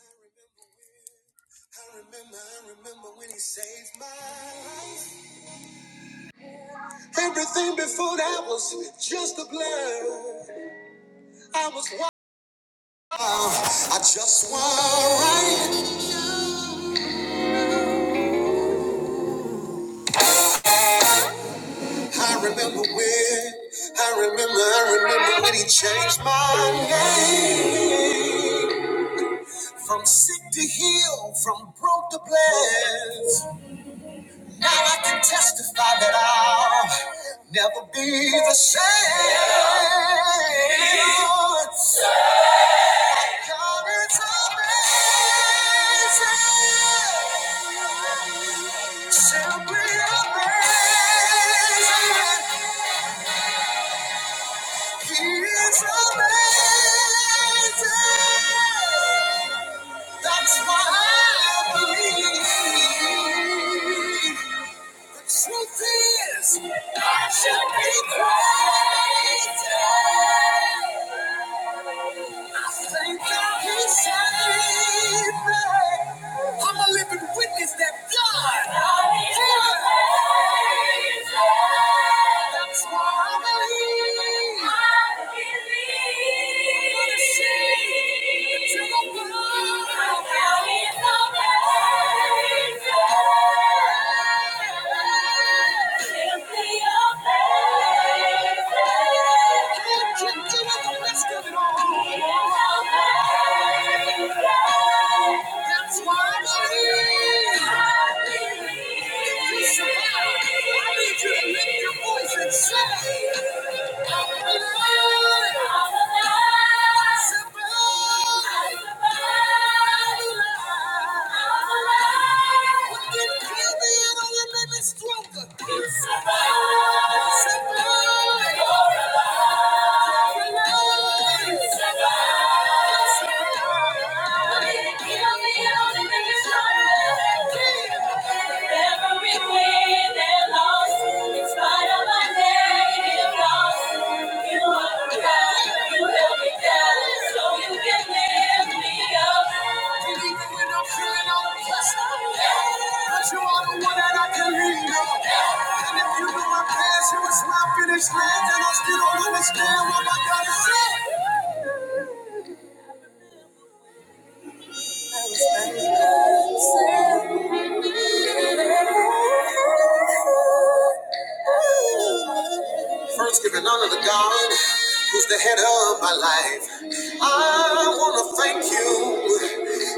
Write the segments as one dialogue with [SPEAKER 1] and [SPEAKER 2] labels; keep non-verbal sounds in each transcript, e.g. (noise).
[SPEAKER 1] I remember I remember when he saved my life. Everything before that was just a blur. I was wild. I just want right. I remember when, I remember, I remember when he changed my name. From sick to heal, from broke to blessed. Now I can testify that I'll never be the same. God is amazing. Simply amazing. He is amazing. That's why I believe. Truth is, I should be crazy. I'm a living witness that God. That's why I believe. I believe. What a shame until I find out how it's amazing. Simply amazing. Can't you do it the rest of it all? That's why I believe. If you survive, I need you to your voice and say, I'm alive. I'm alive. Survive. I'm alive. I'm alive. stronger. You are the one that I can lean on. And if you knew my past, you was my finished land, and I still don't understand what my God is saying. Thank you. First, giving honor to God, who's the head of my life. I want to thank you.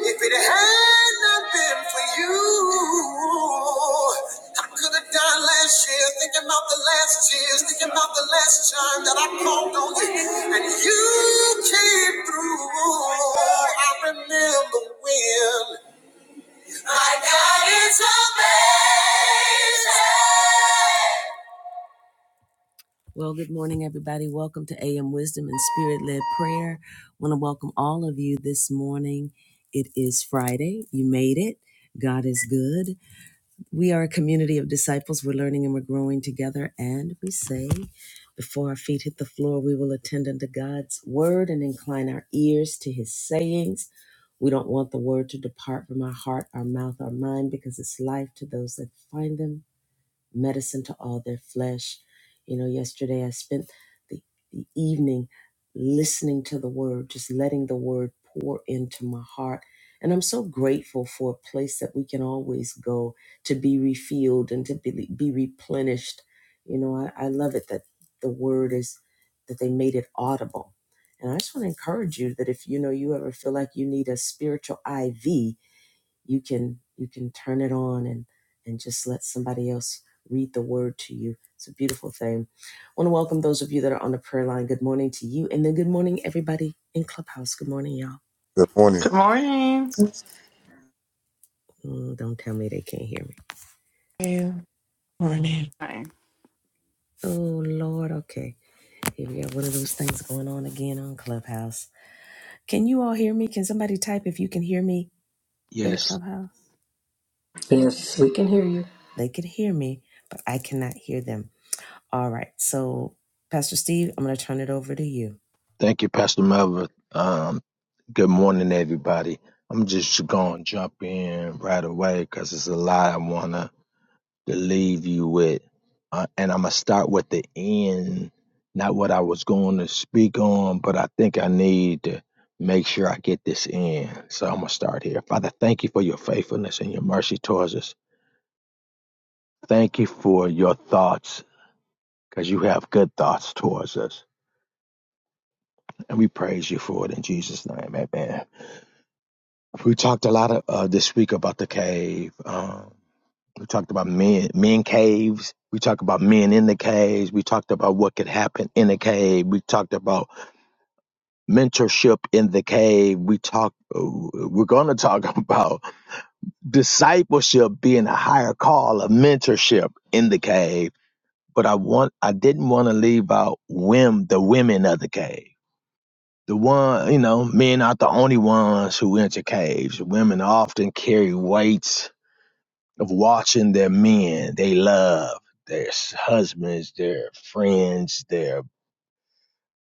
[SPEAKER 1] If it had not been for you, I could have died last year, thinking about the last tears, thinking about the last time that I called on you. And you came through. I remember when. My God is amazing. Well, good morning, everybody. Welcome to AM Wisdom and Spirit Led Prayer. want to welcome all of you this morning. It is Friday. You made it. God is good. We are a community of disciples. We're learning and we're growing together. And we say, before our feet hit the floor, we will attend unto God's word and incline our ears to his sayings. We don't want the word to depart from our heart, our mouth, our mind, because it's life to those that find them medicine to all their flesh. You know, yesterday I spent the, the evening listening to the word, just letting the word pour into my heart. And I'm so grateful for a place that we can always go to be refilled and to be, be replenished. You know, I, I love it that the word is that they made it audible. And I just want to encourage you that if you know you ever feel like you need a spiritual IV, you can you can turn it on and and just let somebody else read the word to you it's a beautiful thing i want to welcome those of you that are on the prayer line good morning to you and then good morning everybody in clubhouse good morning y'all
[SPEAKER 2] Good morning.
[SPEAKER 3] Good morning.
[SPEAKER 1] Mm, don't tell me they can't hear me
[SPEAKER 4] Good morning.
[SPEAKER 3] Hi.
[SPEAKER 1] oh lord okay here we got one of those things going on again on clubhouse can you all hear me can somebody type if you can hear me in
[SPEAKER 5] Yes.
[SPEAKER 1] clubhouse
[SPEAKER 6] Yes, we can hear you.
[SPEAKER 1] they can hear me but i cannot hear them all right so pastor steve i'm going to turn it over to you
[SPEAKER 5] Thank you, Pastor Melvin. Um, good morning, everybody. I'm just going to jump in right away because it's a lot I want to leave you with. Uh, and I'm going to start with the end, not what I was going to speak on, but I think I need to make sure I get this in. So I'm going to start here. Father, thank you for your faithfulness and your mercy towards us. Thank you for your thoughts because you have good thoughts towards us. And we praise you for it in Jesus' name. Amen. We talked a lot of, uh, this week about the cave. Um, we talked about men, men caves. We talked about men in the caves. We talked about what could happen in the cave. We talked about mentorship in the cave. We talked. We're going to talk (laughs) about discipleship being a higher call of mentorship in the cave. But I want. I didn't want to leave out women, the women of the cave. The one, you know, men aren't the only ones who enter caves. Women often carry weights of watching their men they love, their husbands, their friends, their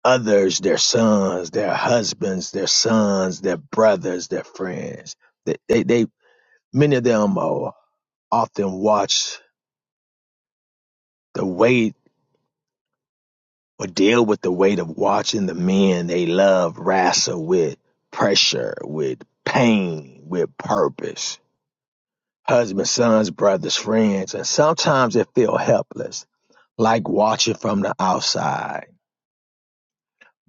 [SPEAKER 5] others, their sons, their husbands, their sons, their brothers, their friends. They, they, they many of them are often watch the weight or deal with the weight of watching the men they love wrestle with pressure, with pain, with purpose. Husbands, sons, brothers, friends, and sometimes they feel helpless, like watching from the outside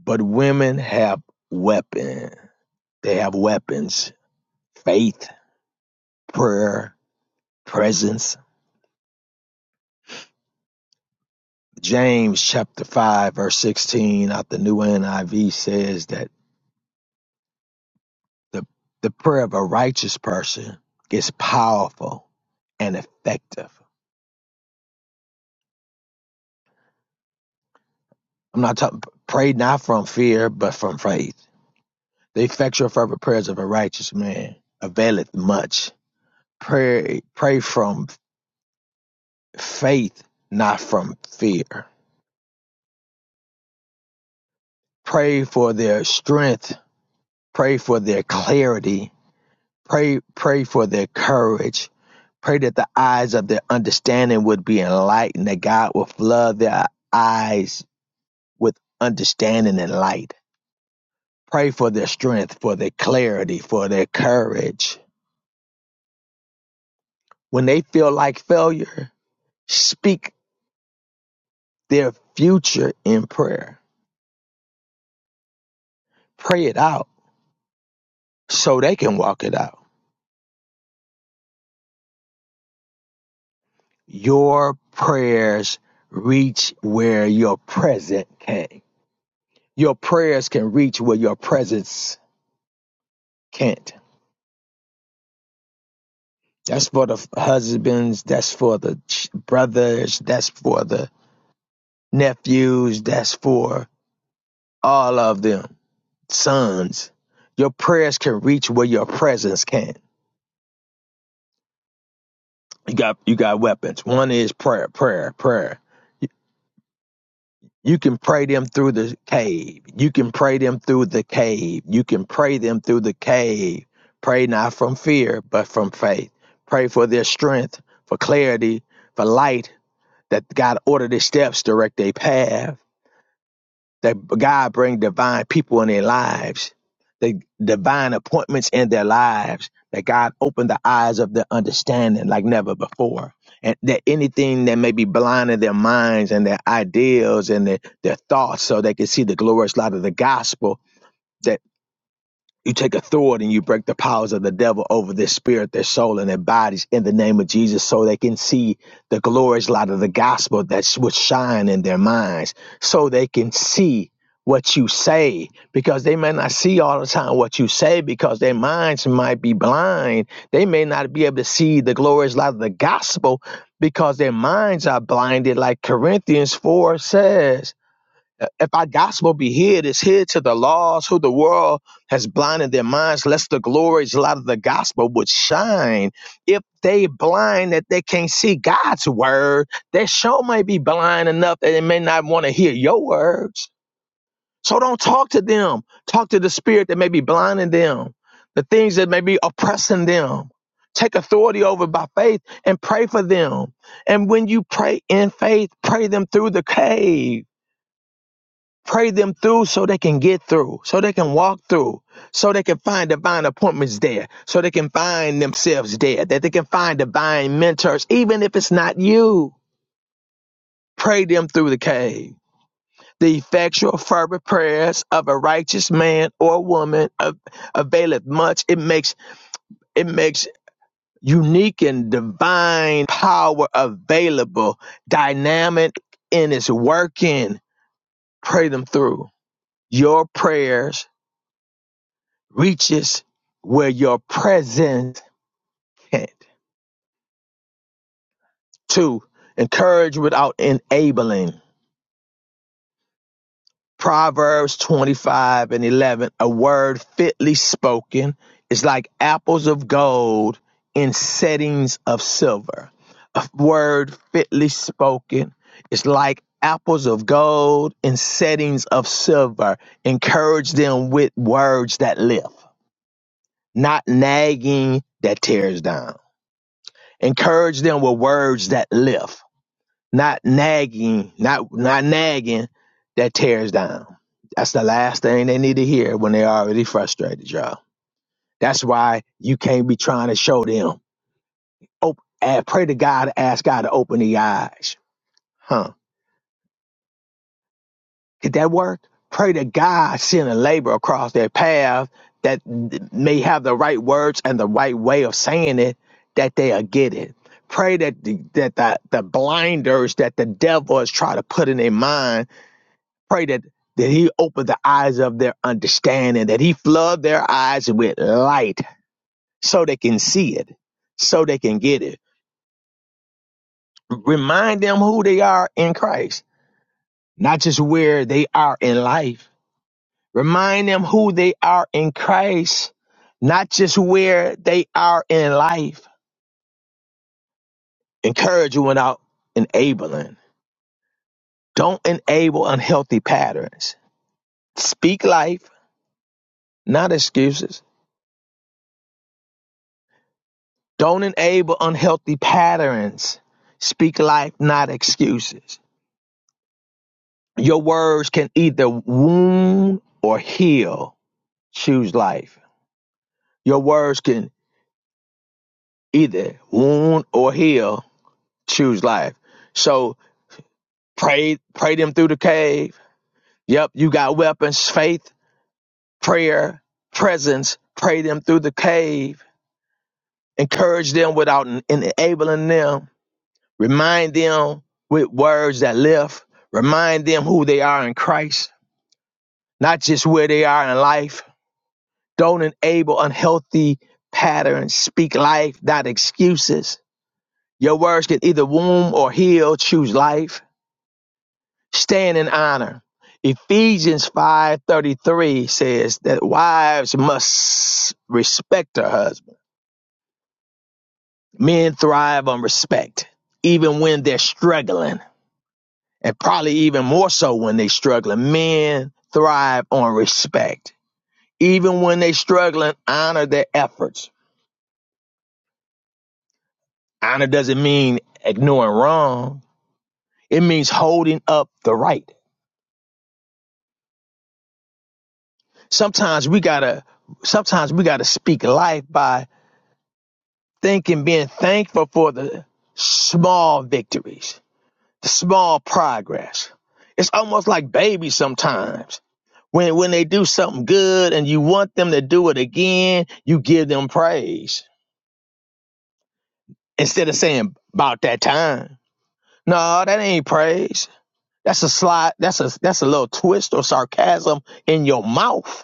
[SPEAKER 5] But women have weapon. They have weapons. Faith, prayer, presence. James chapter 5 verse 16 out the New NIV says that the, the prayer of a righteous person is powerful and effective. I'm not talking pray not from fear, but from faith. The effectual fervent prayers of a righteous man availeth much. Pray pray from faith, not from fear. Pray for their strength. Pray for their clarity. Pray, pray for their courage. Pray that the eyes of their understanding would be enlightened, that God will flood their eyes with understanding and light. Pray for their strength, for their clarity, for their courage. When they feel like failure, speak their future in prayer. Pray it out so they can walk it out. Your prayers reach where your present can. Your prayers can reach where your presence can't. That's for the husbands, that's for the brothers, that's for the nephews, that's for all of them, sons. Your prayers can reach where your presence can. You got you got weapons. One is prayer, prayer, prayer. You can pray them through the cave. You can pray them through the cave. You can pray them through the cave. Pray not from fear, but from faith. Pray for their strength, for clarity, for light, that God order their steps, direct their path that God bring divine people in their lives, the divine appointments in their lives, that God opened the eyes of their understanding like never before. And that anything that may be blind in their minds and their ideals and their, their thoughts so they can see the glorious light of the gospel you take authority and you break the powers of the devil over their spirit, their soul, and their bodies in the name of Jesus so they can see the glorious light of the gospel that would shine in their minds so they can see what you say because they may not see all the time what you say because their minds might be blind. They may not be able to see the glorious light of the gospel because their minds are blinded, like Corinthians 4 says if our gospel be hid, it's hid to the lost who the world has blinded their minds, lest the glories light of the gospel would shine. If they blind that they can't see God's word, they sure may be blind enough that they may not want to hear your words. So don't talk to them. Talk to the spirit that may be blinding them, the things that may be oppressing them. Take authority over by faith and pray for them. And when you pray in faith, pray them through the cave Pray them through so they can get through, so they can walk through, so they can find divine appointments there, so they can find themselves there, that they can find divine mentors, even if it's not you. Pray them through the cave. The effectual, fervent prayers of a righteous man or woman av- availeth much. It makes it makes unique and divine power available, dynamic in its working. Pray them through. Your prayers reaches where your presence can't. Two, encourage without enabling. Proverbs 25 and 11, a word fitly spoken is like apples of gold in settings of silver. A word fitly spoken is like apples of gold in settings of silver. Encourage them with words that lift, not nagging that tears down. Encourage them with words that lift, not nagging, not not nagging that tears down. That's the last thing they need to hear when they're already frustrated, y'all. That's why you can't be trying to show them. Oh, and pray to God, ask God to open the eyes. Huh. Did that work? Pray to God send a labor across their path that may have the right words and the right way of saying it, that they'll get it. Pray that the, that the, the blinders that the devil is trying to put in their mind, pray that, that he open the eyes of their understanding, that he flood their eyes with light so they can see it, so they can get it. Remind them who they are in Christ, not just where they are in life Remind them who they are in Christ, not just where they are in life. Encourage without enabling. Don't enable unhealthy patterns. Speak life, not excuses. Don't enable unhealthy patterns. Speak life, not excuses. Your words can either wound or heal. Choose life. Your words can either wound or heal. Choose life. So Pray, pray them through the cave. Yep, you got weapons, faith, prayer, presence. Pray them through the cave. Encourage them without en- enabling them. Remind them with words that lift. Remind them who they are in Christ, not just where they are in life. Don't enable unhealthy patterns. Speak life, not excuses. Your words can either wound or heal. Choose life. Stand in honor. Ephesians 5:33 says that wives must respect their husband. Men thrive on respect even when they're struggling, and probably even more so when they're struggling. Men thrive on respect. Even when they're struggling, honor their efforts. Honor doesn't mean ignoring wrong. It means holding up the right. Sometimes we got to sometimes we got to speak life by thinking, being thankful for the small victories, the small progress. It's almost like babies sometimes. When, when they do something good and you want them to do it again, you give them praise instead of saying about that time. No, that ain't praise. That's a slide. That's a that's a little twist or sarcasm in your mouth,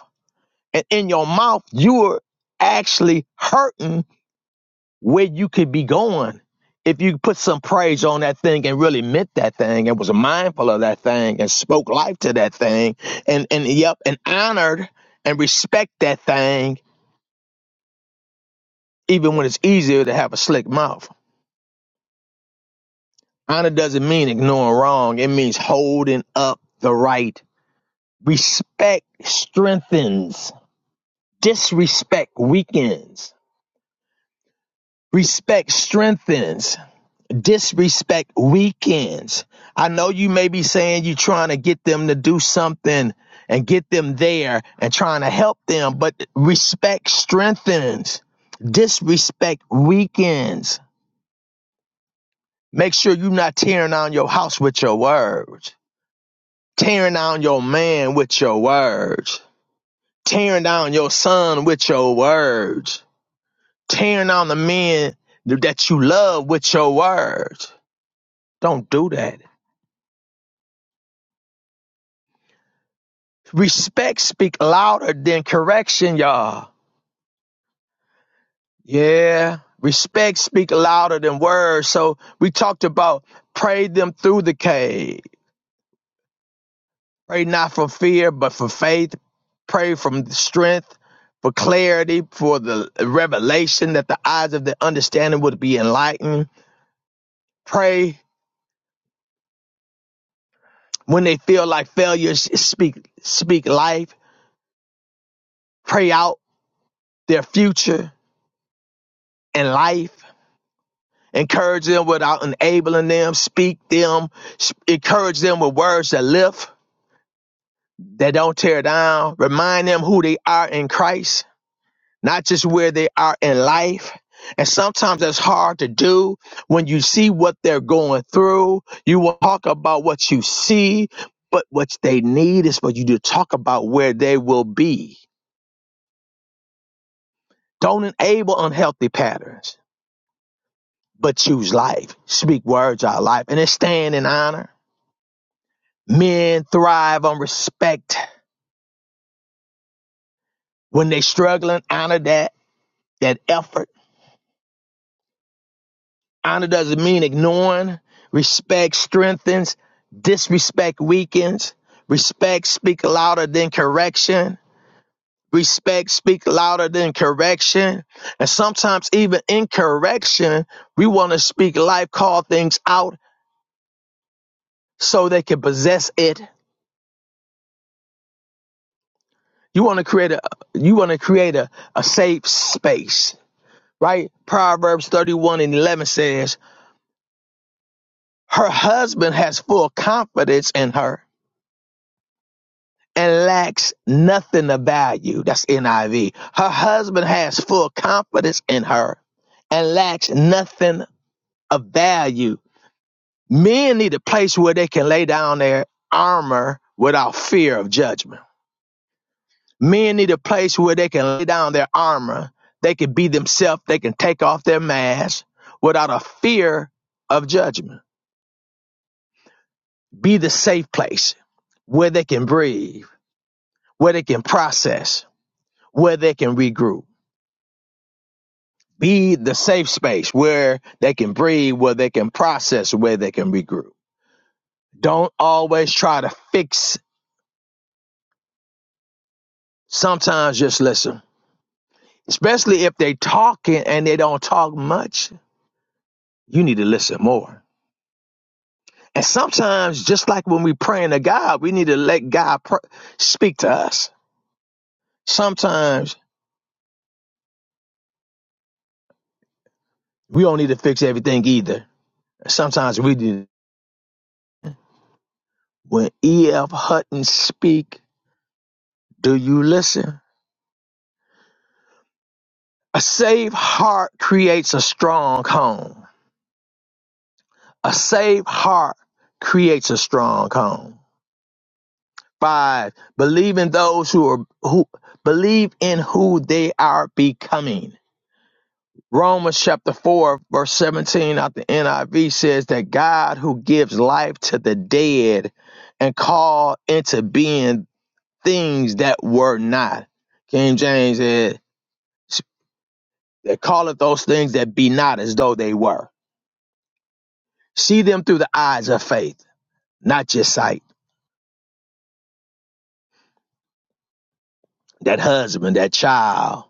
[SPEAKER 5] and in your mouth you are actually hurting where you could be going if you put some praise on that thing and really meant that thing and was mindful of that thing and spoke life to that thing and and yep and honored and respect that thing even when it's easier to have a slick mouth honor doesn't mean ignoring wrong it means holding up the right respect strengthens disrespect weakens respect strengthens disrespect weekends. I know you may be saying you're trying to get them to do something and get them there and trying to help them, but respect strengthens. Disrespect weakens. Make sure you're not tearing down your house with your words, tearing down your man with your words, tearing down your son with your words, tearing down the men that you love with your words. Don't do that Respect speak louder than correction, y'all. Yeah. Respect speak louder than words. So we talked about pray them through the cave. Pray not for fear, but for faith. Pray from strength, for clarity, for the revelation that the eyes of the understanding would be enlightened. Pray when they feel like failures speak speak life. Pray out their future and life Encourage them without enabling them. Speak them. Encourage them with words that lift, that don't tear down. Remind them who they are in Christ, not just where they are in life. And sometimes that's hard to do when you see what they're going through. You will talk about what you see, but what they need is for you to talk about where they will be. Don't enable unhealthy patterns, but choose life. Speak words out of life and then stand in honor Men thrive on respect when they struggling. Honor that that effort. Honor doesn't mean ignoring. Respect strengthens. Disrespect weakens. Respect speak louder than correction. Respect speak louder than correction. And sometimes even in correction, we want to speak life, call things out so they can possess it. You want to create a you want to create a, a safe space right? Proverbs 31 and 11 says, Her husband has full confidence in her and lacks nothing of value. That's NIV. Her husband has full confidence in her and lacks nothing of value. Men need a place where they can lay down their armor without fear of judgment. Men need a place where they can lay down their armor. They can be themselves. They can take off their mask without a fear of judgment be the safe place where they can breathe, where they can process, where they can regroup. Be the safe space where they can breathe, where they can process, where they can regroup. Don't always try to fix. Sometimes just listen, especially if they talking and they don't talk much. You need to listen more. And sometimes, just like when we praying to God, we need to let God pr- speak to us. Sometimes we don't need to fix everything either. Sometimes we need. When E.F. Hutton speak, do you listen? A safe heart creates a strong home. A safe heart creates a strong home. Five, believe in those who are who believe in who they are becoming. Romans chapter 4, verse 17 out the NIV says that God who gives life to the dead and call into being things that were not. King James said that calleth those things that be not as though they were. See them through the eyes of faith, not just sight. That husband, that child,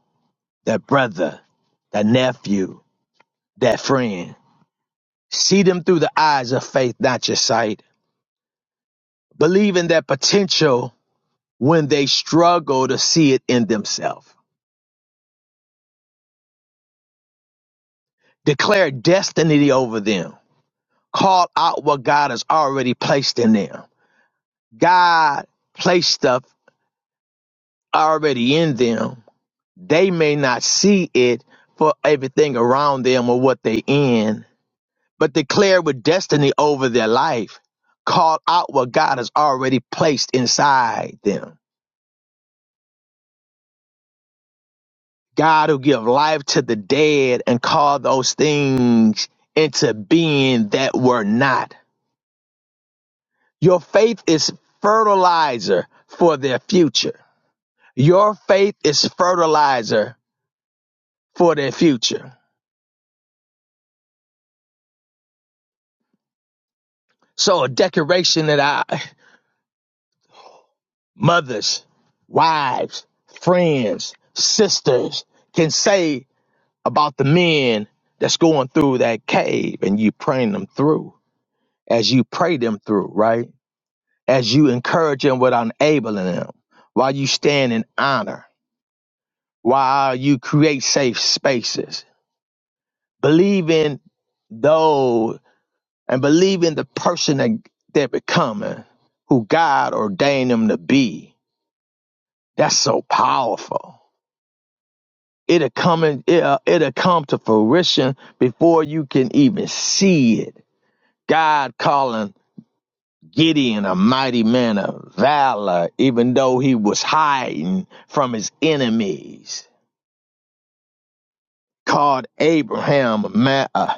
[SPEAKER 5] that brother, that nephew, that friend. See them through the eyes of faith, not just sight. Believe in their potential when they struggle to see it in themselves. Declare destiny over them. Call out what God has already placed in them. God placed stuff already in them They may not see it for everything around them or what they in, but declare with destiny over their life. Call out what God has already placed inside them. God will give life to the dead and call those things into being that were not. Your faith is fertilizer for their future. Your faith is fertilizer for their future. So a decoration that I mothers, wives, friends, sisters can say about the men that's going through that cave and you praying them through as you pray them through, right? As you encourage them without enabling them, while you stand in honor, while you create safe spaces, believe in those and believe in the person that they're becoming, who God ordained them to be. That's so powerful It'll come in, it'll, it'll come to fruition before you can even see it. God calling Gideon a mighty man of valor, even though he was hiding from his enemies. Called Abraham a, ma- a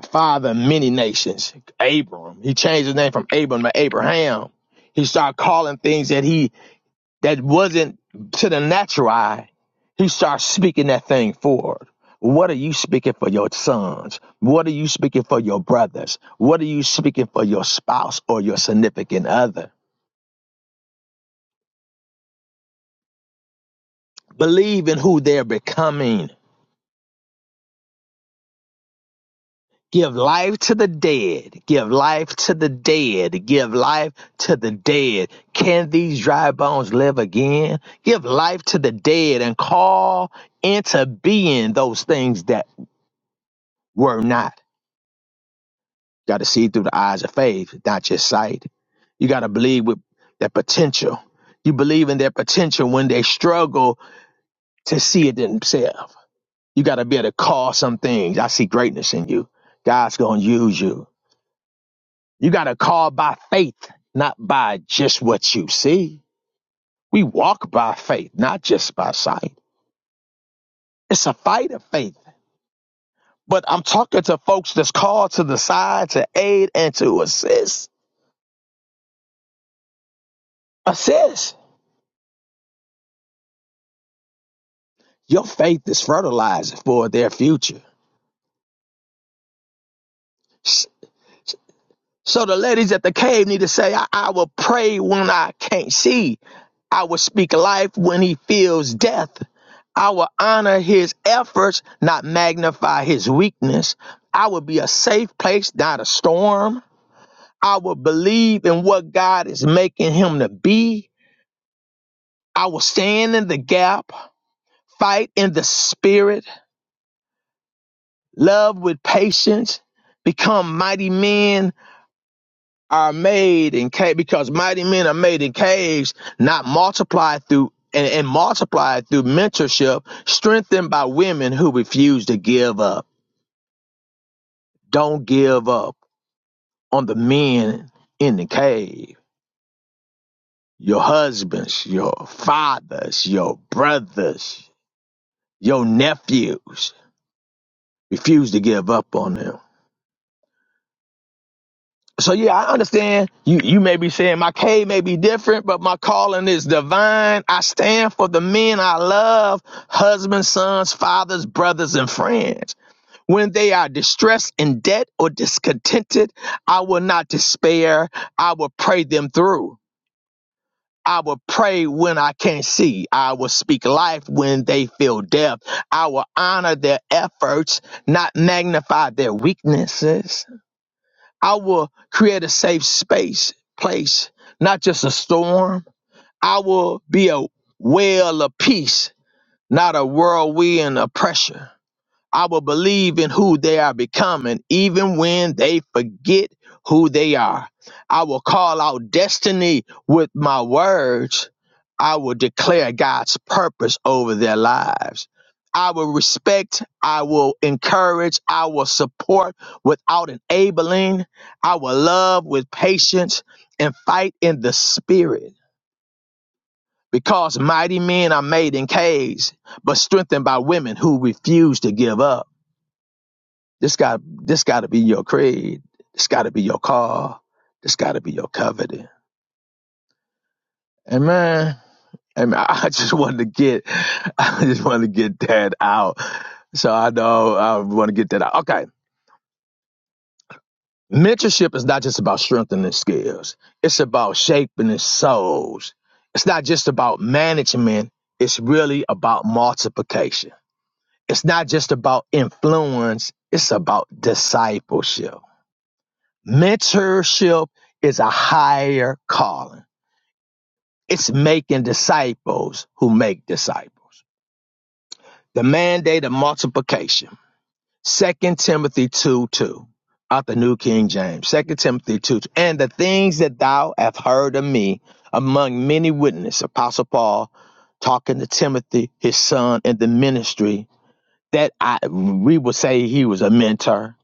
[SPEAKER 5] a father of many nations. Abram. He changed his name from Abram to Abraham. He started calling things that he that wasn't to the natural eye, he starts speaking that thing forward. What are you speaking for your sons? What are you speaking for your brothers? What are you speaking for your spouse or your significant other? Believe in who they're becoming. Give life to the dead. Give life to the dead. Give life to the dead. Can these dry bones live again? Give life to the dead and call into being those things that were not. got to see through the eyes of faith, not just sight. You got to believe with their potential. You believe in their potential when they struggle to see it themselves. You got to be able to call some things. I see greatness in you. God's going to use you. You got to call by faith, not by just what you see. We walk by faith, not just by sight. It's a fight of faith. But I'm talking to folks that's called to the side to aid and to assist. Assist. Your faith is fertilizer for their future. S- So the ladies at the cave need to say, I, I will pray when I can't see. I will speak life when he feels death. I will honor his efforts, not magnify his weakness. I will be a safe place, not a storm. I will believe in what God is making him to be. I will stand in the gap, fight in the spirit, love with patience, become mighty men are made in cave because mighty men are made in caves, not multiplied through and, and multiplied through mentorship, strengthened by women who refuse to give up. Don't give up on the men in the cave. Your husbands, your fathers, your brothers, your nephews. Refuse to give up on them. so yeah, I understand you you may be saying my K may be different, but my calling is divine. I stand for the men I love, husbands, sons, fathers, brothers, and friends. When they are distressed in debt or discontented, I will not despair. I will pray them through. I will pray when I can't see. I will speak life when they feel death. I will honor their efforts, not magnify their weaknesses. I will create a safe space, place, not just a storm. I will be a well of peace, not a whirlwind of pressure. I will believe in who they are becoming, even when they forget who they are. I will call out destiny with my words. I will declare God's purpose over their lives. I will respect, I will encourage, I will support without enabling. I will love with patience and fight in the spirit. Because mighty men are made in caves, but strengthened by women who refuse to give up. This got this got to be your creed. This got to be your call. This got to be your covenant. And man, and I (laughs) just wanted to get, (laughs) I just wanted to get that out. So I know I want to get that out. Okay, mentorship is not just about strengthening skills. It's about shaping souls. It's not just about management. It's really about multiplication. It's not just about influence. It's about discipleship Mentorship is a higher calling. It's making disciples who make disciples. The mandate of multiplication. Second Timothy 2 2 out the New King James. Second Timothy 2 2. And the things that thou hast heard of me among many witnesses, Apostle Paul talking to Timothy, his son, in the ministry, that I we would say he was a mentor,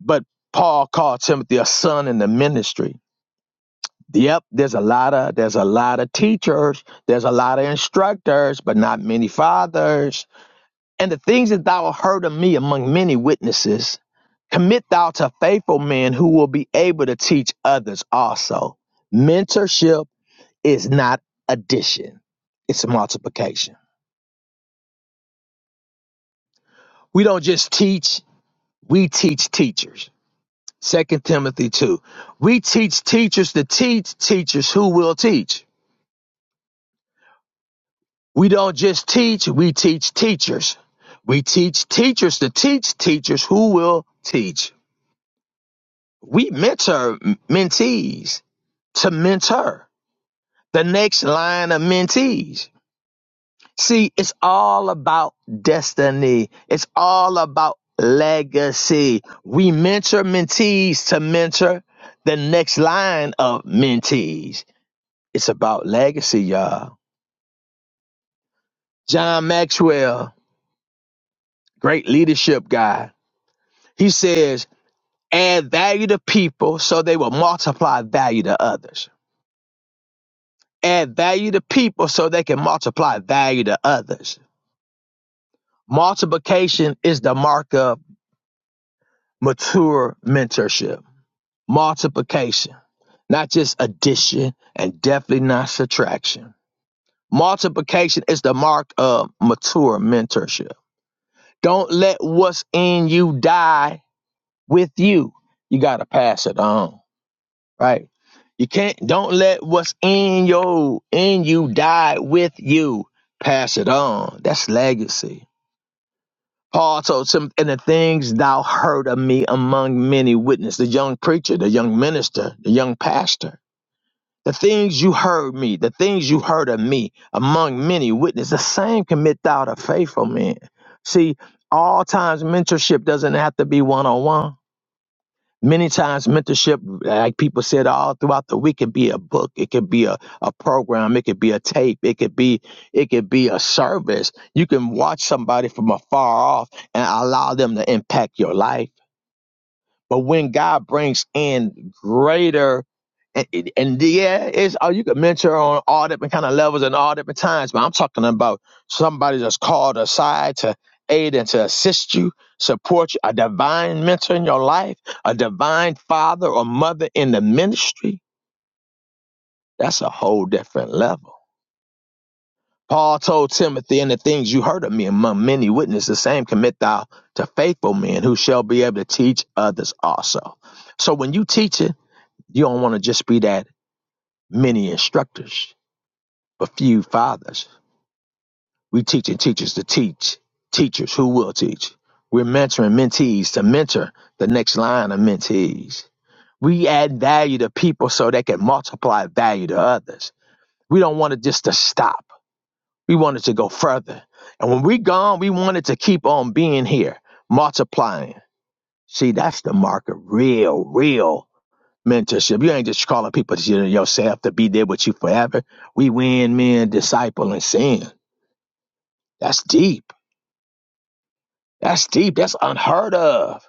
[SPEAKER 5] but Paul called Timothy a son in the ministry Yep, there's a lot of there's a lot of teachers, there's a lot of instructors, but not many fathers. And the things that thou hast heard of me among many witnesses, commit thou to faithful men who will be able to teach others also. Mentorship is not addition, it's multiplication. We don't just teach, we teach teachers. Second Timothy 2. We teach teachers to teach teachers who will teach. We don't just teach, we teach teachers. We teach teachers to teach teachers who will teach. We mentor mentees to mentor the next line of mentees. See, it's all about destiny. It's all about legacy. We mentor mentees to mentor the next line of mentees. It's about legacy, y'all. John Maxwell, great leadership guy. He says, Add value to people so they will multiply value to others. Add value to people so they can multiply value to others. Multiplication is the mark of mature mentorship. Multiplication, not just addition and definitely not subtraction. Multiplication is the mark of mature mentorship. Don't let what's in you die with you. You got to pass it on. right? You can't don't let what's in you in you die with you. Pass it on. That's legacy. Paul told Timothy, and the things thou heard of me among many witnesses, the young preacher, the young minister, the young pastor. The things you heard me, the things you heard of me among many witnesses, the same commit thou to faithful men. See, all times mentorship doesn't have to be one on one Many times, mentorship, like people said, all throughout the week, can be a book, it could be a, a program, it could be a tape, it could be it could be a service. You can watch somebody from afar off and allow them to impact your life but when God brings in greater and, and yeah, it's oh, you could mentor on all different kind of levels and all different times, but I'm talking about somebody that's called aside to aid and to assist you, support you, a divine mentor in your life, a divine father or mother in the ministry. That's a whole different level. Paul told Timothy, and the things you heard of me among many witnesses, the same commit thou to faithful men who shall be able to teach others also. So when you teach You don't want to just be that many instructors, but few fathers. We teaching teachers to teach, teachers who will teach. We're mentoring mentees to mentor the next line of mentees. We add value to people so they can multiply value to others. We don't want it just to stop. We want it to go further. And when we gone, we want it to keep on being here, multiplying. See, that's the mark of real, real mentorship. You ain't just calling people to yourself to be there with you forever. We win men, disciple, and sin. That's deep. That's deep. That's unheard of.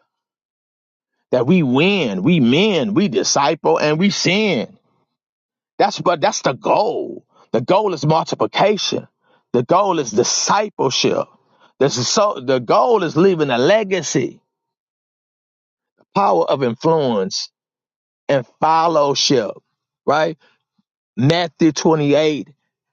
[SPEAKER 5] That we win, we men, we disciple, and we sin. That's but that's the goal. The goal is multiplication. The goal is discipleship. The so the goal is leaving a legacy, power of influence, and fellowship. Right? Matthew 28,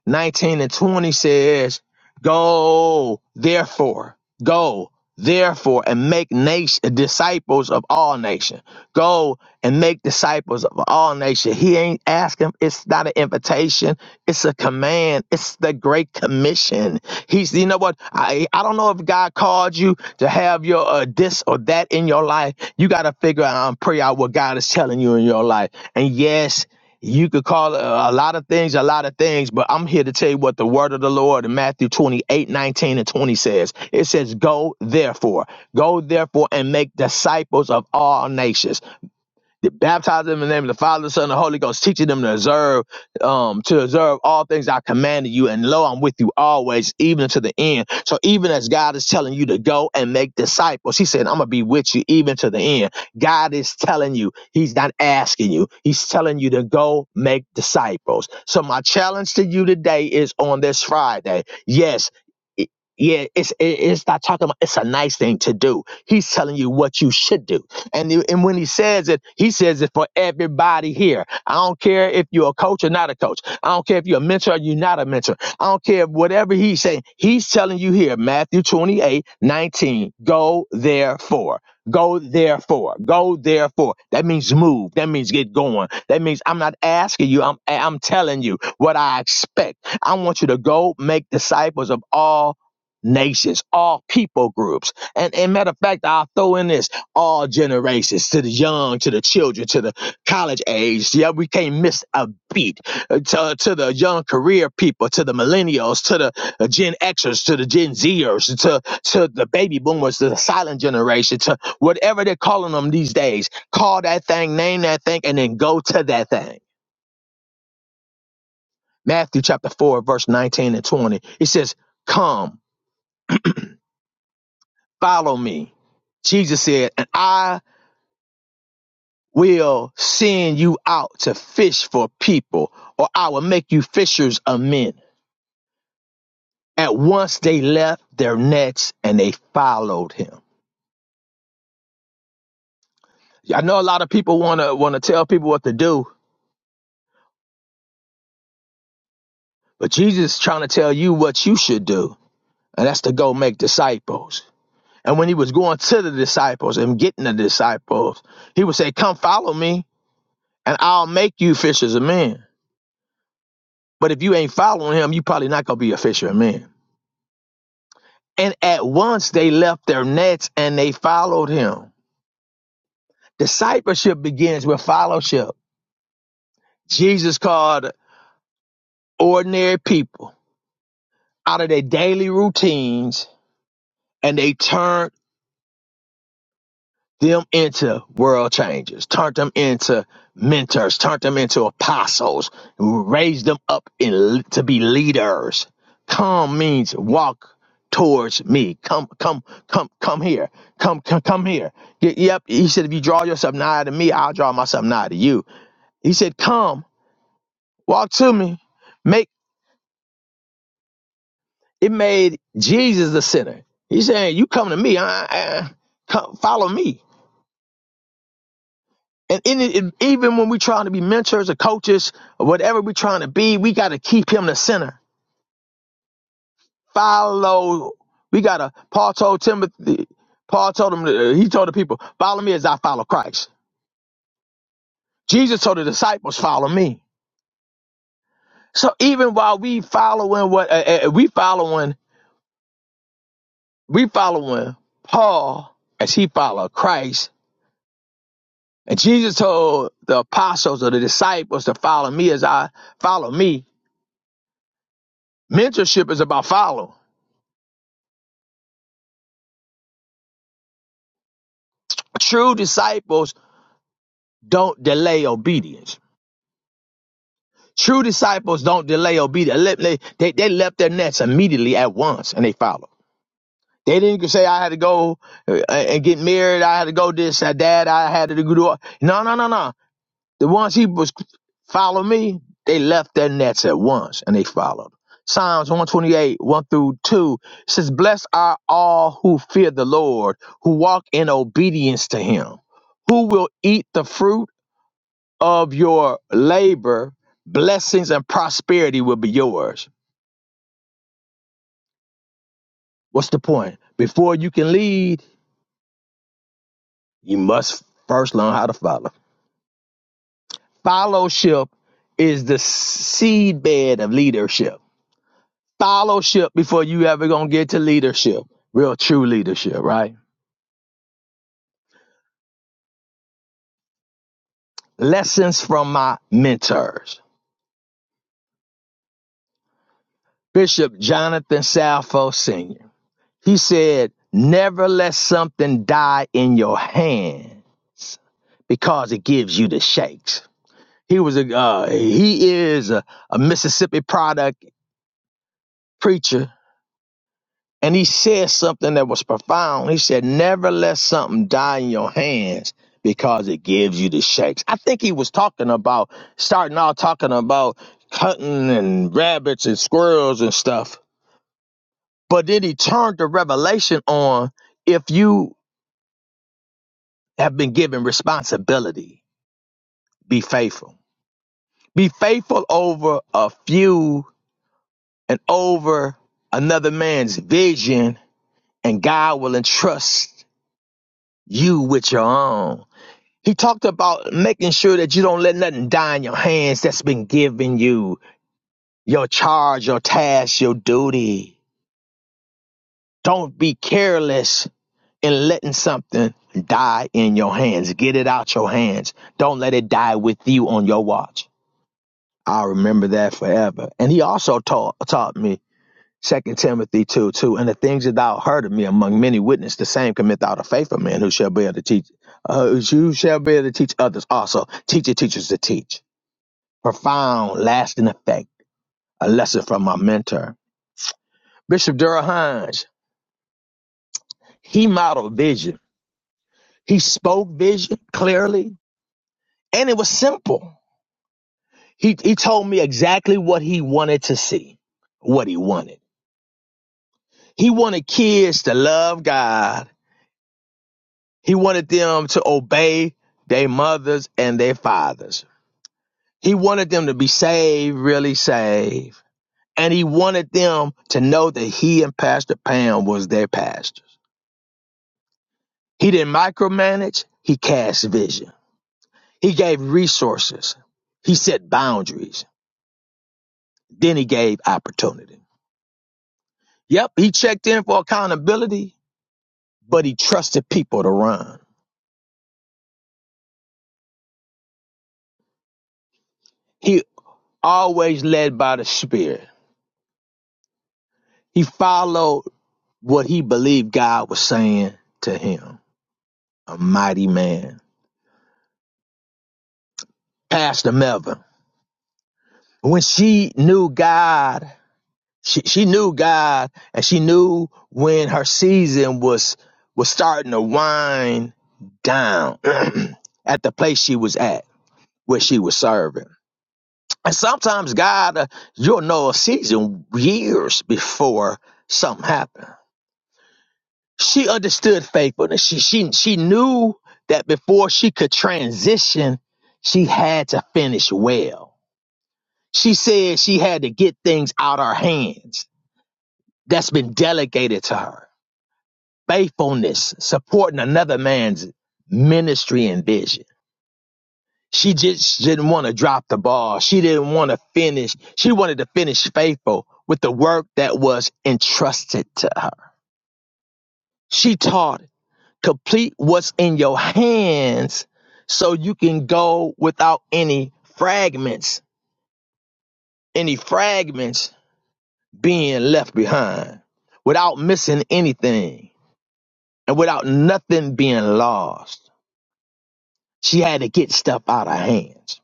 [SPEAKER 5] 19 and 20 says, Go therefore, go therefore, and make nation, disciples of all nations. Go and make disciples of all nations. He ain't asking, it's not an invitation, it's a command, it's the great commission. He's, you know what? I, I don't know if God called you to have your uh, this or that in your life. You got to figure out and pray out what God is telling you in your life. And yes, you could call it a lot of things, a lot of things, but I'm here to tell you what the word of the Lord in Matthew 28, 19, and 20 says. It says, Go therefore, go therefore and make disciples of all nations. They baptize them in the name of the Father, the Son, and the Holy Ghost, teaching them to observe, um, to observe all things I commanded you. And lo, I'm with you always, even to the end. So even as God is telling you to go and make disciples, He said, I'm gonna be with you even to the end. God is telling you, He's not asking you, He's telling you to go make disciples. So my challenge to you today is on this Friday. Yes. it- Yeah, it's it- it's not talking about it's a nice thing to do. He's telling you what you should do. And, he- and when he says it, he says it for everybody here. I don't care if you're a coach or not a coach. I don't care if you're a mentor or you're not a mentor. I don't care whatever he's saying. He's telling you here, Matthew 28 19. go therefore. Go therefore. Go therefore. That means move. That means get going. That means I'm not asking you. I'm I'm telling you what I expect. I want you to go make disciples of all nations, all people groups. And and matter of fact, I'll throw in this all generations, to the young, to the children, to the college age. Yeah, we can't miss a beat. Uh, To, to the young career people, to the millennials, to the uh, Gen Xers, to the Gen Zers, to, to the baby boomers, to the silent generation, to whatever they're calling them these days. Call that thing, name that thing, and then go to that thing. Matthew chapter 4, verse 19 and 20. It says, Come, follow me. Jesus said, and I will send you out to fish for people, or I will make you fishers of men. At once they left their nets and they followed him. I know a lot of people want to want to tell people what to do, but Jesus is trying to tell you what you should do, and that's to go make disciples. And when he was going to the disciples and getting the disciples, he would say, "Come follow me, and I'll make you fishers of men." But if you ain't following him, you probably not gonna be a fisher of men. And at once they left their nets and they followed him. Discipleship begins with fellowship. Jesus called ordinary people out of their daily routines and they turned them into world changers, turn them into mentors, turn them into apostles, raise them up in, to be leaders. Come means walk towards me. Come, come, come, come here. Come, come, come here. Y- Yep. He said, if you draw yourself nigh to me, I'll draw myself nigh to you. He said, come, walk to me. Make it made Jesus the sinner. He's saying, you come to me. I, I, come, follow me. And, in it, even when we're trying to be mentors or coaches or whatever we're trying to be, we got to keep him the center. Follow. We got to, Paul told Timothy, Paul told him, uh, he told the people, follow me as I follow Christ. Jesus told the disciples, follow me. So even while we following what, uh, uh, we following, we following Paul as he followed Christ. And Jesus told the apostles or the disciples to follow me as I follow me. Mentorship is about following. True disciples don't delay obedience. True disciples don't delay obedience. They, they, they left their nets immediately at once and they followed. They didn't say, I had to go uh, and get married. I had to go this, that, that. I had to go do. No, no, no, no. The ones he was follow me, they left their nets at once and they followed. Psalms 128, 1 through 2 says, Blessed are all who fear the Lord, who walk in obedience to him. Who will eat the fruit? of your labor, blessings and prosperity will be yours. What's the point? Before you can lead, you must first learn how to follow. Fellowship is the seedbed of leadership. Fellowship before you ever gonna get to leadership, real true leadership, right? Lessons from my mentors, Bishop Jonathan Salfo Sr. He said, Never let something die in your hands because it gives you the shakes. He was a uh, he is a, a Mississippi product preacher, and he said something that was profound. He said, "Never let something die in your hands because it gives you the shakes." I think he was talking about starting out talking about hunting and rabbits and squirrels and stuff, but then he turned the revelation on if you have been given responsibility. Be faithful. Be faithful over a few and over another man's vision, and God will entrust you with your own. He talked about making sure that you don't let nothing die in your hands that's been given you your charge, your task, your duty. Don't be careless in letting something die in your hands. Get it out your hands. Don't let it die with you on your watch. I'll remember that forever. And he also taught taught me Second Timothy two two, and the things that thou heard of me among many witness, the same commit thou to faithful men who shall be able to teach uh, you shall be able to teach others also. Teach your teachers to teach. Profound, lasting effect. A lesson from my mentor. Bishop Durham Hines, he modeled vision. He spoke vision clearly, and it was simple. He he told me exactly what he wanted to see, what he wanted. He wanted kids to love God. He wanted them to obey their mothers and their fathers. He wanted them to be saved, really saved. And he wanted them to know that he and Pastor Pam was their pastors. He didn't micromanage, he cast vision. He gave resources. He set boundaries. Then he gave opportunity. Yep, he checked in for accountability, but he trusted people to run. He always led by the Spirit He followed what he believed God was saying to him. A mighty man. Pastor Melvin. When she knew God, she, she knew God and she knew when her season was was starting to wind down (clears throat) at the place she was at where she was serving. And sometimes God, uh, you'll know a season years before something happens. She understood faithfulness. She she she knew that before she could transition, she had to finish well. She said she had to get things out her hands that's been delegated to her. Faithfulness, supporting another man's ministry and vision. She just didn't want to drop the ball. She didn't want to finish. She wanted to finish faithful with the work that was entrusted to her. She taught complete what's in your hands so you can go without any fragments, any fragments being left behind, without missing anything and without nothing being lost. She had to get stuff out of hands.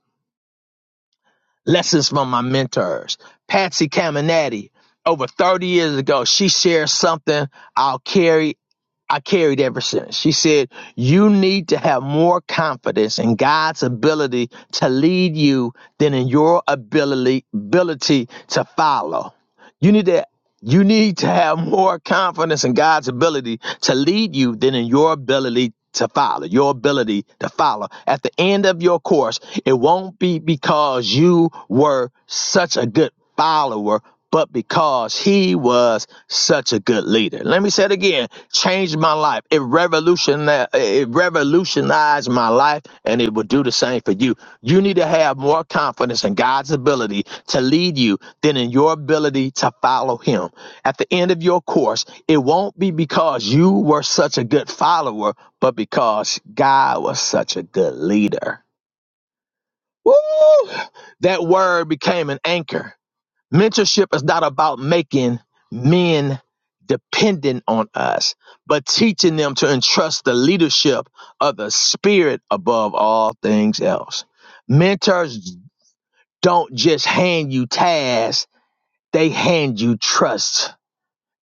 [SPEAKER 5] Lessons from my mentors. Patsy Caminati, over 30 years ago, she shared something I'll carry I carried ever since. She said, You need to have more confidence in God's ability to lead you than in your ability, ability to follow. You need to you need to have more confidence in God's ability to lead you than in your ability to follow. Your ability to follow. At the end of your course, it won't be because you were such a good follower, but because he was such a good leader. Let me say it again. Changed my life life. It revolutionized, it revolutionized my life, and it will do the same for you. You need to have more confidence in God's ability to lead you than in your ability to follow Him. At the end of your course, it won't be because you were such a good follower, but because God was such a good leader. Woo! That word became an anchor Mentorship is not about making men dependent on us, but teaching them to entrust the leadership of the spirit above all things else. Mentors don't just hand you tasks, they hand you trust.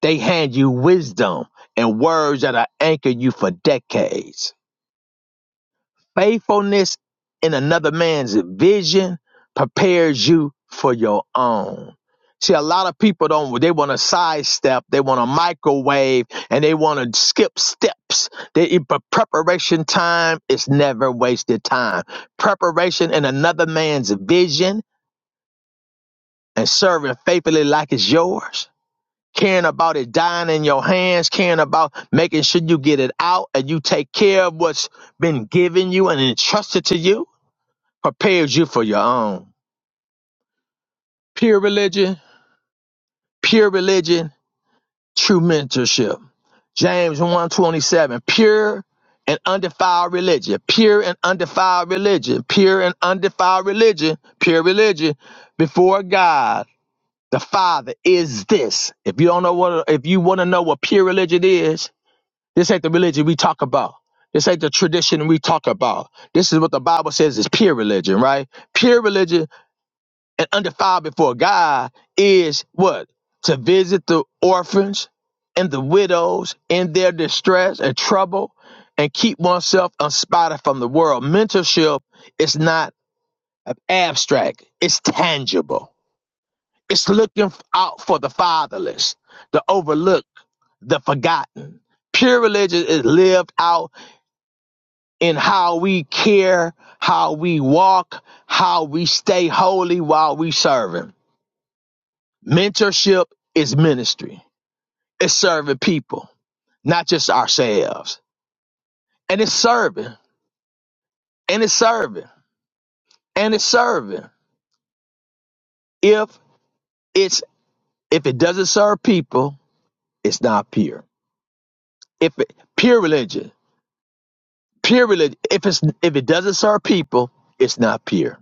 [SPEAKER 5] They hand you wisdom and words that are anchor you for decades Faithfulness in another man's vision prepares you for your own. See, a lot of people don't, they want to sidestep, they want to microwave, and they want to skip steps. They, e, but preparation time is never wasted time. Preparation in another man's vision and serving faithfully like it's yours. Caring about it dying in your hands, caring about making sure you get it out and you take care of what's been given you and entrusted to you prepares you for your own. Pure religion, pure religion, true mentorship. James 127, pure and undefiled religion, pure and undefiled religion, pure and undefiled religion, pure religion before God the Father is this. If you don't know what if you want to know what pure religion is, this ain't the religion we talk about. This ain't the tradition we talk about. This is what the Bible says is pure religion, right? Pure religion and undefiled before God is what? To visit the orphans and the widows in their distress and trouble and keep oneself unspotted from the world. Mentorship is not abstract, it's tangible. It's looking out for the fatherless, the overlooked, the forgotten. Pure religion is lived out in how we care, how we walk, how we stay holy while we serve Him. Mentorship is ministry. It's serving people, not just ourselves. And it's serving, and it's serving, and it's serving. If it's if it doesn't serve people, it's not pure. If it, pure religion, pure religion. If it's if it doesn't serve people, it's not pure.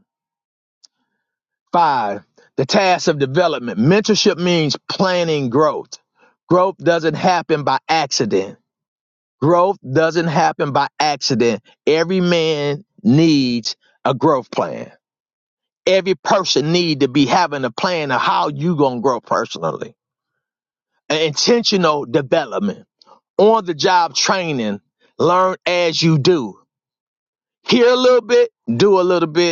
[SPEAKER 5] Five, the task of development. Mentorship means planning growth. Growth doesn't happen by accident Growth doesn't happen by accident. Every man needs a growth plan. Every person need to be having a plan of how you going to grow personally. An intentional development, on the job training, learn as you do. Hear a little bit, do a little bit,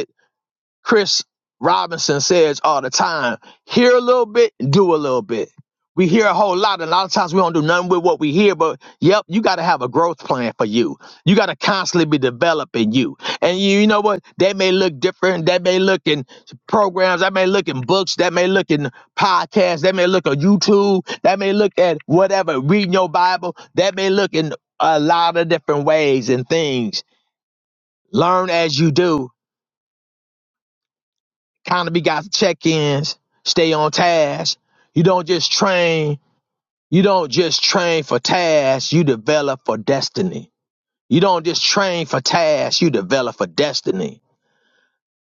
[SPEAKER 5] Chris Robinson says all the time, hear a little bit, and do a little bit. We hear a whole lot, and a lot of times we don't do nothing with what we hear, but yep, you got to have a growth plan for you. You got to constantly be developing you. And you, you know what? That may look different. That may look in programs. That may look in books. That may look in podcasts. That may look on YouTube. That may look at whatever, reading your Bible. That may look in a lot of different ways and things. Learn as you do Economy got check-ins. Stay on task. You don't just train. You don't just train for tasks. You develop for destiny. You don't just train for tasks. You develop for destiny.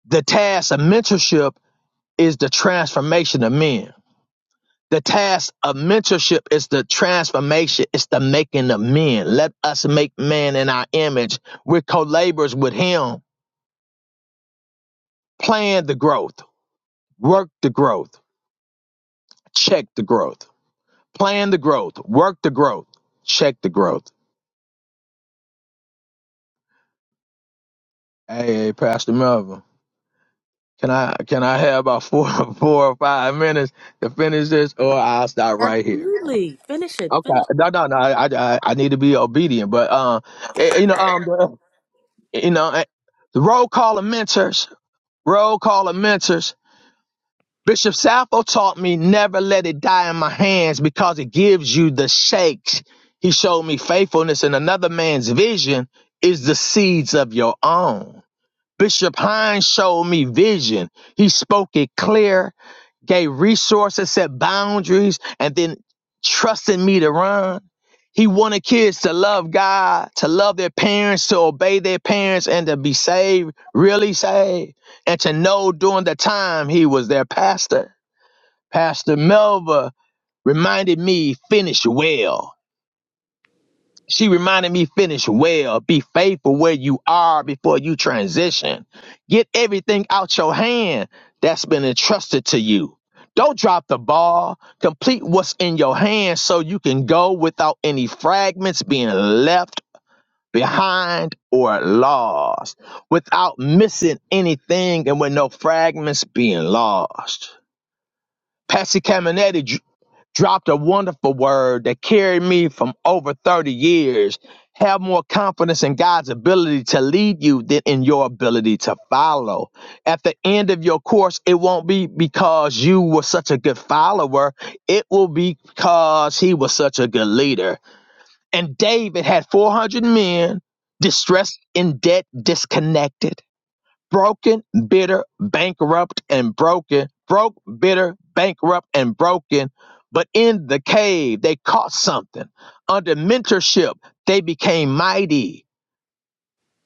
[SPEAKER 5] The task of mentorship is the transformation of men. The task of mentorship is the transformation. It's the making of men. Let us make man in our image. We're co-laborers with him. Plan the growth. Work the growth. Check the growth. Plan the growth, work the growth, check the growth. Hey, hey, Pastor Melvin, can I can I have about four (laughs) four or five minutes to finish this, or I'll stop right here? Okay, no, no, no. I I, I need to be obedient, but um, eh, you know, um, the, you know, eh, the roll call of mentors, roll call of mentors. Bishop Sappho taught me never let it die in my hands because it gives you the shakes. He showed me faithfulness in another man's vision is the seeds of your own. Bishop Hines showed me vision. He spoke it clear, gave resources, set boundaries, and then trusted me to run. He wanted kids to love God, to love their parents, to obey their parents, and to be saved, really saved, and to know during the time he was their pastor. Pastor Melva reminded me, finish well. She reminded me finish well, be faithful where you are before you transition. Get everything out your hand that's been entrusted to you. Don't drop the ball. Complete what's in your hand so you can go without any fragments being left behind or lost, without missing anything and with no fragments being lost. Patsy Caminetti dropped a wonderful word that carried me from over 30 years. Have more confidence in God's ability to lead you than in your ability to follow. At the end of your course, it won't be because you were such a good follower, it will be because he was such a good leader. And David had 400 men distressed, in debt, disconnected broken, bitter, bankrupt, and broken, broke, bitter, bankrupt, and broken. But in the cave, they caught something. Under mentorship, they became mighty.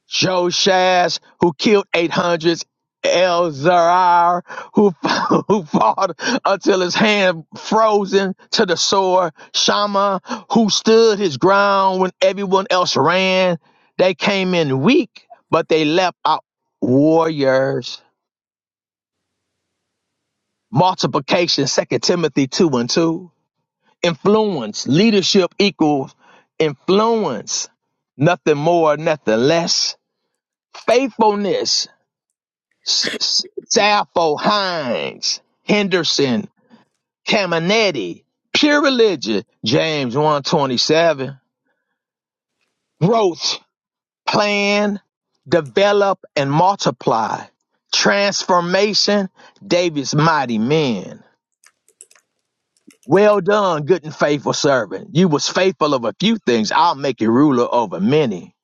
[SPEAKER 5] Joshaz, who killed eight hundred. Elzar, who, (laughs) who fought until his hand frozen to the sword, Shama, who stood his ground when everyone else ran. They came in weak, but they left out warriors. multiplication, Second Timothy 2 and 2. Influence, leadership equals influence, nothing more, nothing less. Faithfulness, Sappho, Hines, Henderson, Caminetti, pure religion, James 127. Growth, plan, develop and multiply. Transformation, David's mighty men. Well done, good and faithful servant. You was faithful of a few things. I'll make you ruler over many.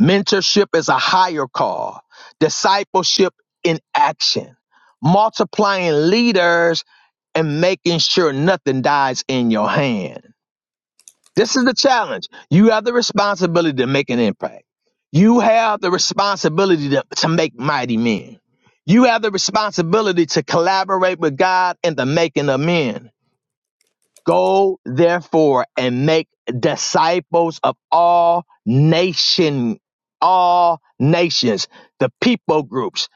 [SPEAKER 5] Mentorship is a higher call. Discipleship in action. Multiplying leaders and making sure nothing dies in your hand. This is the challenge. You have the responsibility to make an impact. You have the responsibility to, to make mighty men. You have the responsibility to collaborate with God in the making of men. Go therefore and make disciples of all nation, all nations, the people groups,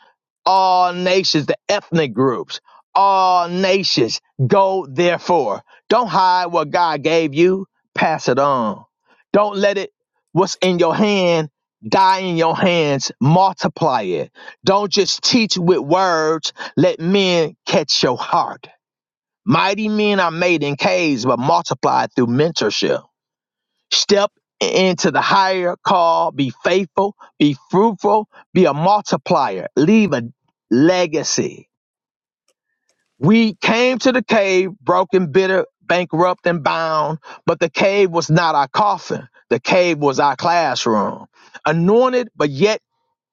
[SPEAKER 5] all nations, the ethnic groups, all nations. Go therefore. Don't hide what God gave you. Pass it on. Don't let it, what's in your hand, die in your hands. Multiply it. Don't just teach with words. Let men catch your heart. Mighty men are made in caves, but multiplied through mentorship. Step into the higher call. Be faithful. Be fruitful. Be a multiplier. Leave a legacy. We came to the cave broken, bitter, bankrupt, and bound, but the cave was not our coffin. The cave was our classroom. Anointed, but yet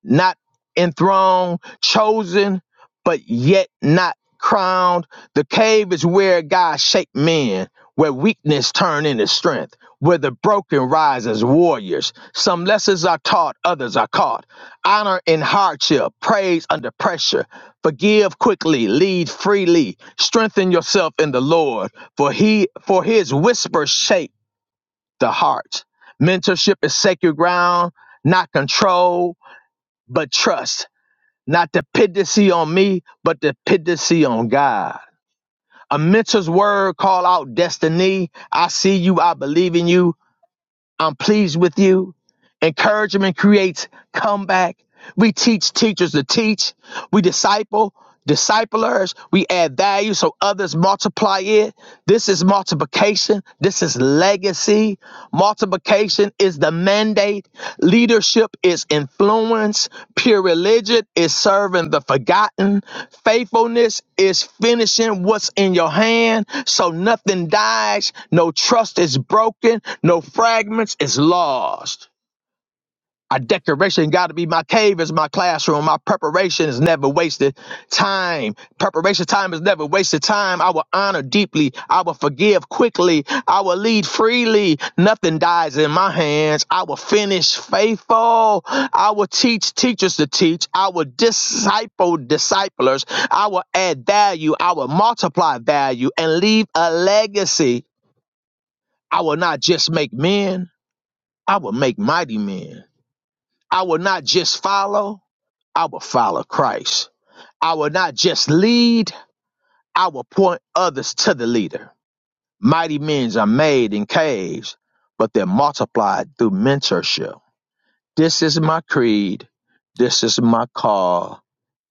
[SPEAKER 5] not enthroned, chosen, but yet not crowned. The cave is where God shaped men, where weakness turned into strength, where the broken rise as warriors. Some lessons are taught, others are caught. Honor in hardship, praise under pressure. Forgive quickly, lead freely. Strengthen yourself in the Lord, for he for his whisper shape the heart. Mentorship is sacred ground, not control, but trust. Not dependency on me, but dependency on God. A mentor's word call out destiny. I see you. I believe in you. I'm pleased with you. Encouragement creates comeback. We teach teachers to teach. We disciple, disciplers, we add value so others multiply it. This is multiplication. This is legacy. Multiplication is the mandate. Leadership is influence. Pure religion is serving the forgotten. Faithfulness is finishing what's in your hand so nothing dies. No trust is broken. No fragments is lost. Our decoration got to be my cave is my classroom. My preparation is never wasted time. Preparation time is never wasted time. I will honor deeply. I will forgive quickly. I will lead freely. Nothing dies in my hands. I will finish faithful. I will teach teachers to teach. I will disciple disciplers. I will add value. I will multiply value and leave a legacy. I will not just make men. I will make mighty men. I will not just follow. I will follow Christ. I will not just lead, I will point others to the leader. Mighty men are made in caves, but they're multiplied through mentorship. This is my creed. This is my call.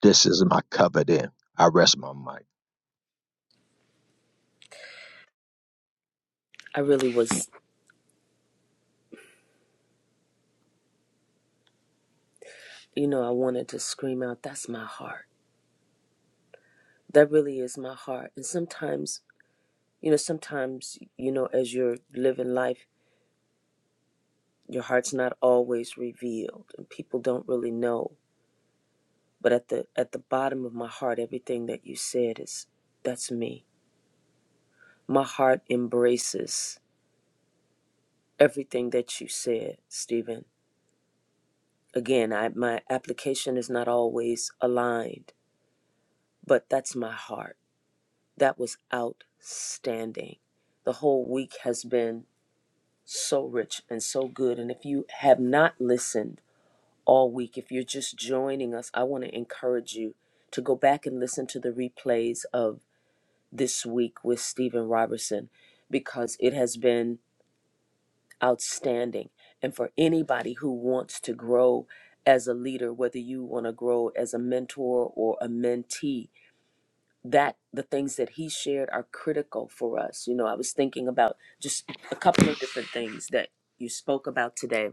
[SPEAKER 5] This is my covenant. I rest my mic.
[SPEAKER 1] I really was. you know, I wanted to scream out, that's my heart. That really is my heart. And sometimes, you know, sometimes, you know, as you're living life, your heart's not always revealed and people don't really know. But at the at the bottom of my heart, everything that you said is that's me. My heart embraces everything that you said, Stephen. Again, I my application is not always aligned, but that's my heart. That was outstanding. The whole week has been so rich and so good. And if you have not listened all week, if you're just joining us, I want to encourage you to go back and plays this week with Stephen Robertson because it has been outstanding. And for anybody who wants to grow as a leader, whether you want to grow as a mentor or a mentee, that the things that he shared are critical for us. You know, I was thinking about just a couple of different things that you spoke about today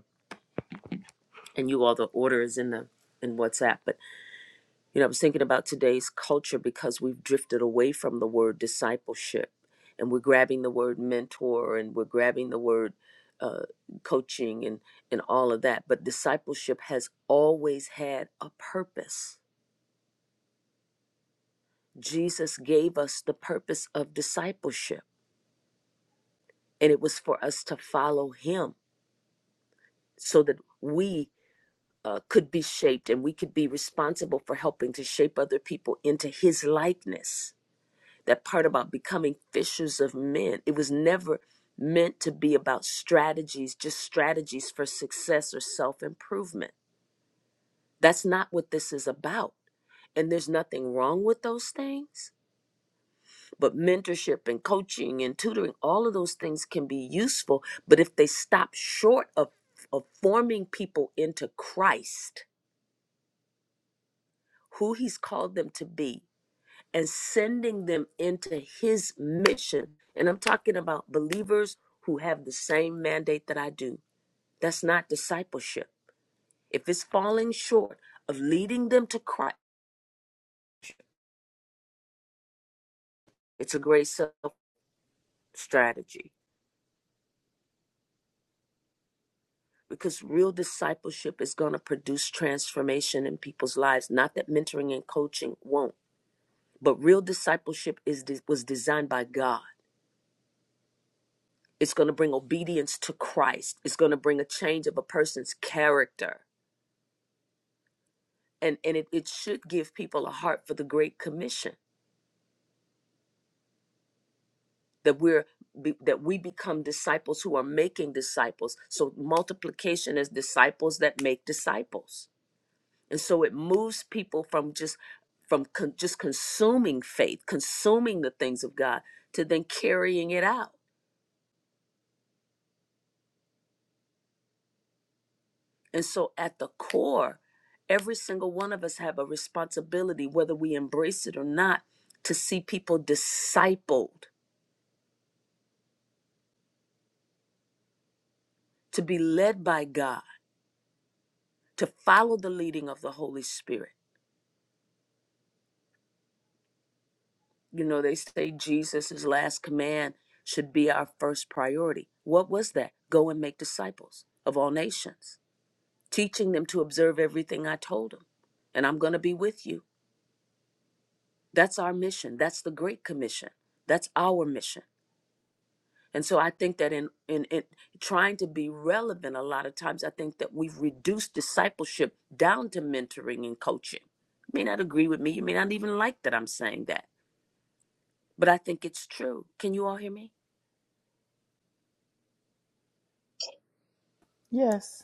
[SPEAKER 3] Yes.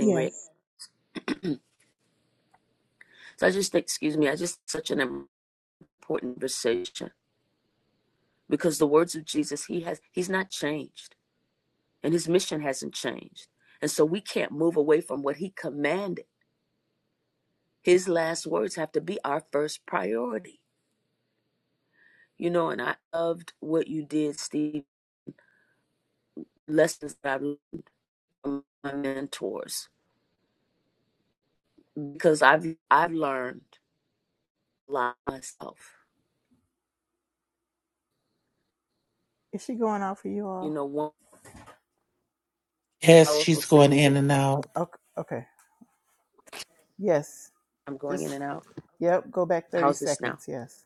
[SPEAKER 7] Yes.
[SPEAKER 3] Is she going out for you all?
[SPEAKER 8] Yes, she's going in and out.
[SPEAKER 3] Okay. okay. Yes. Just, yep, go back 30 seconds. Yes.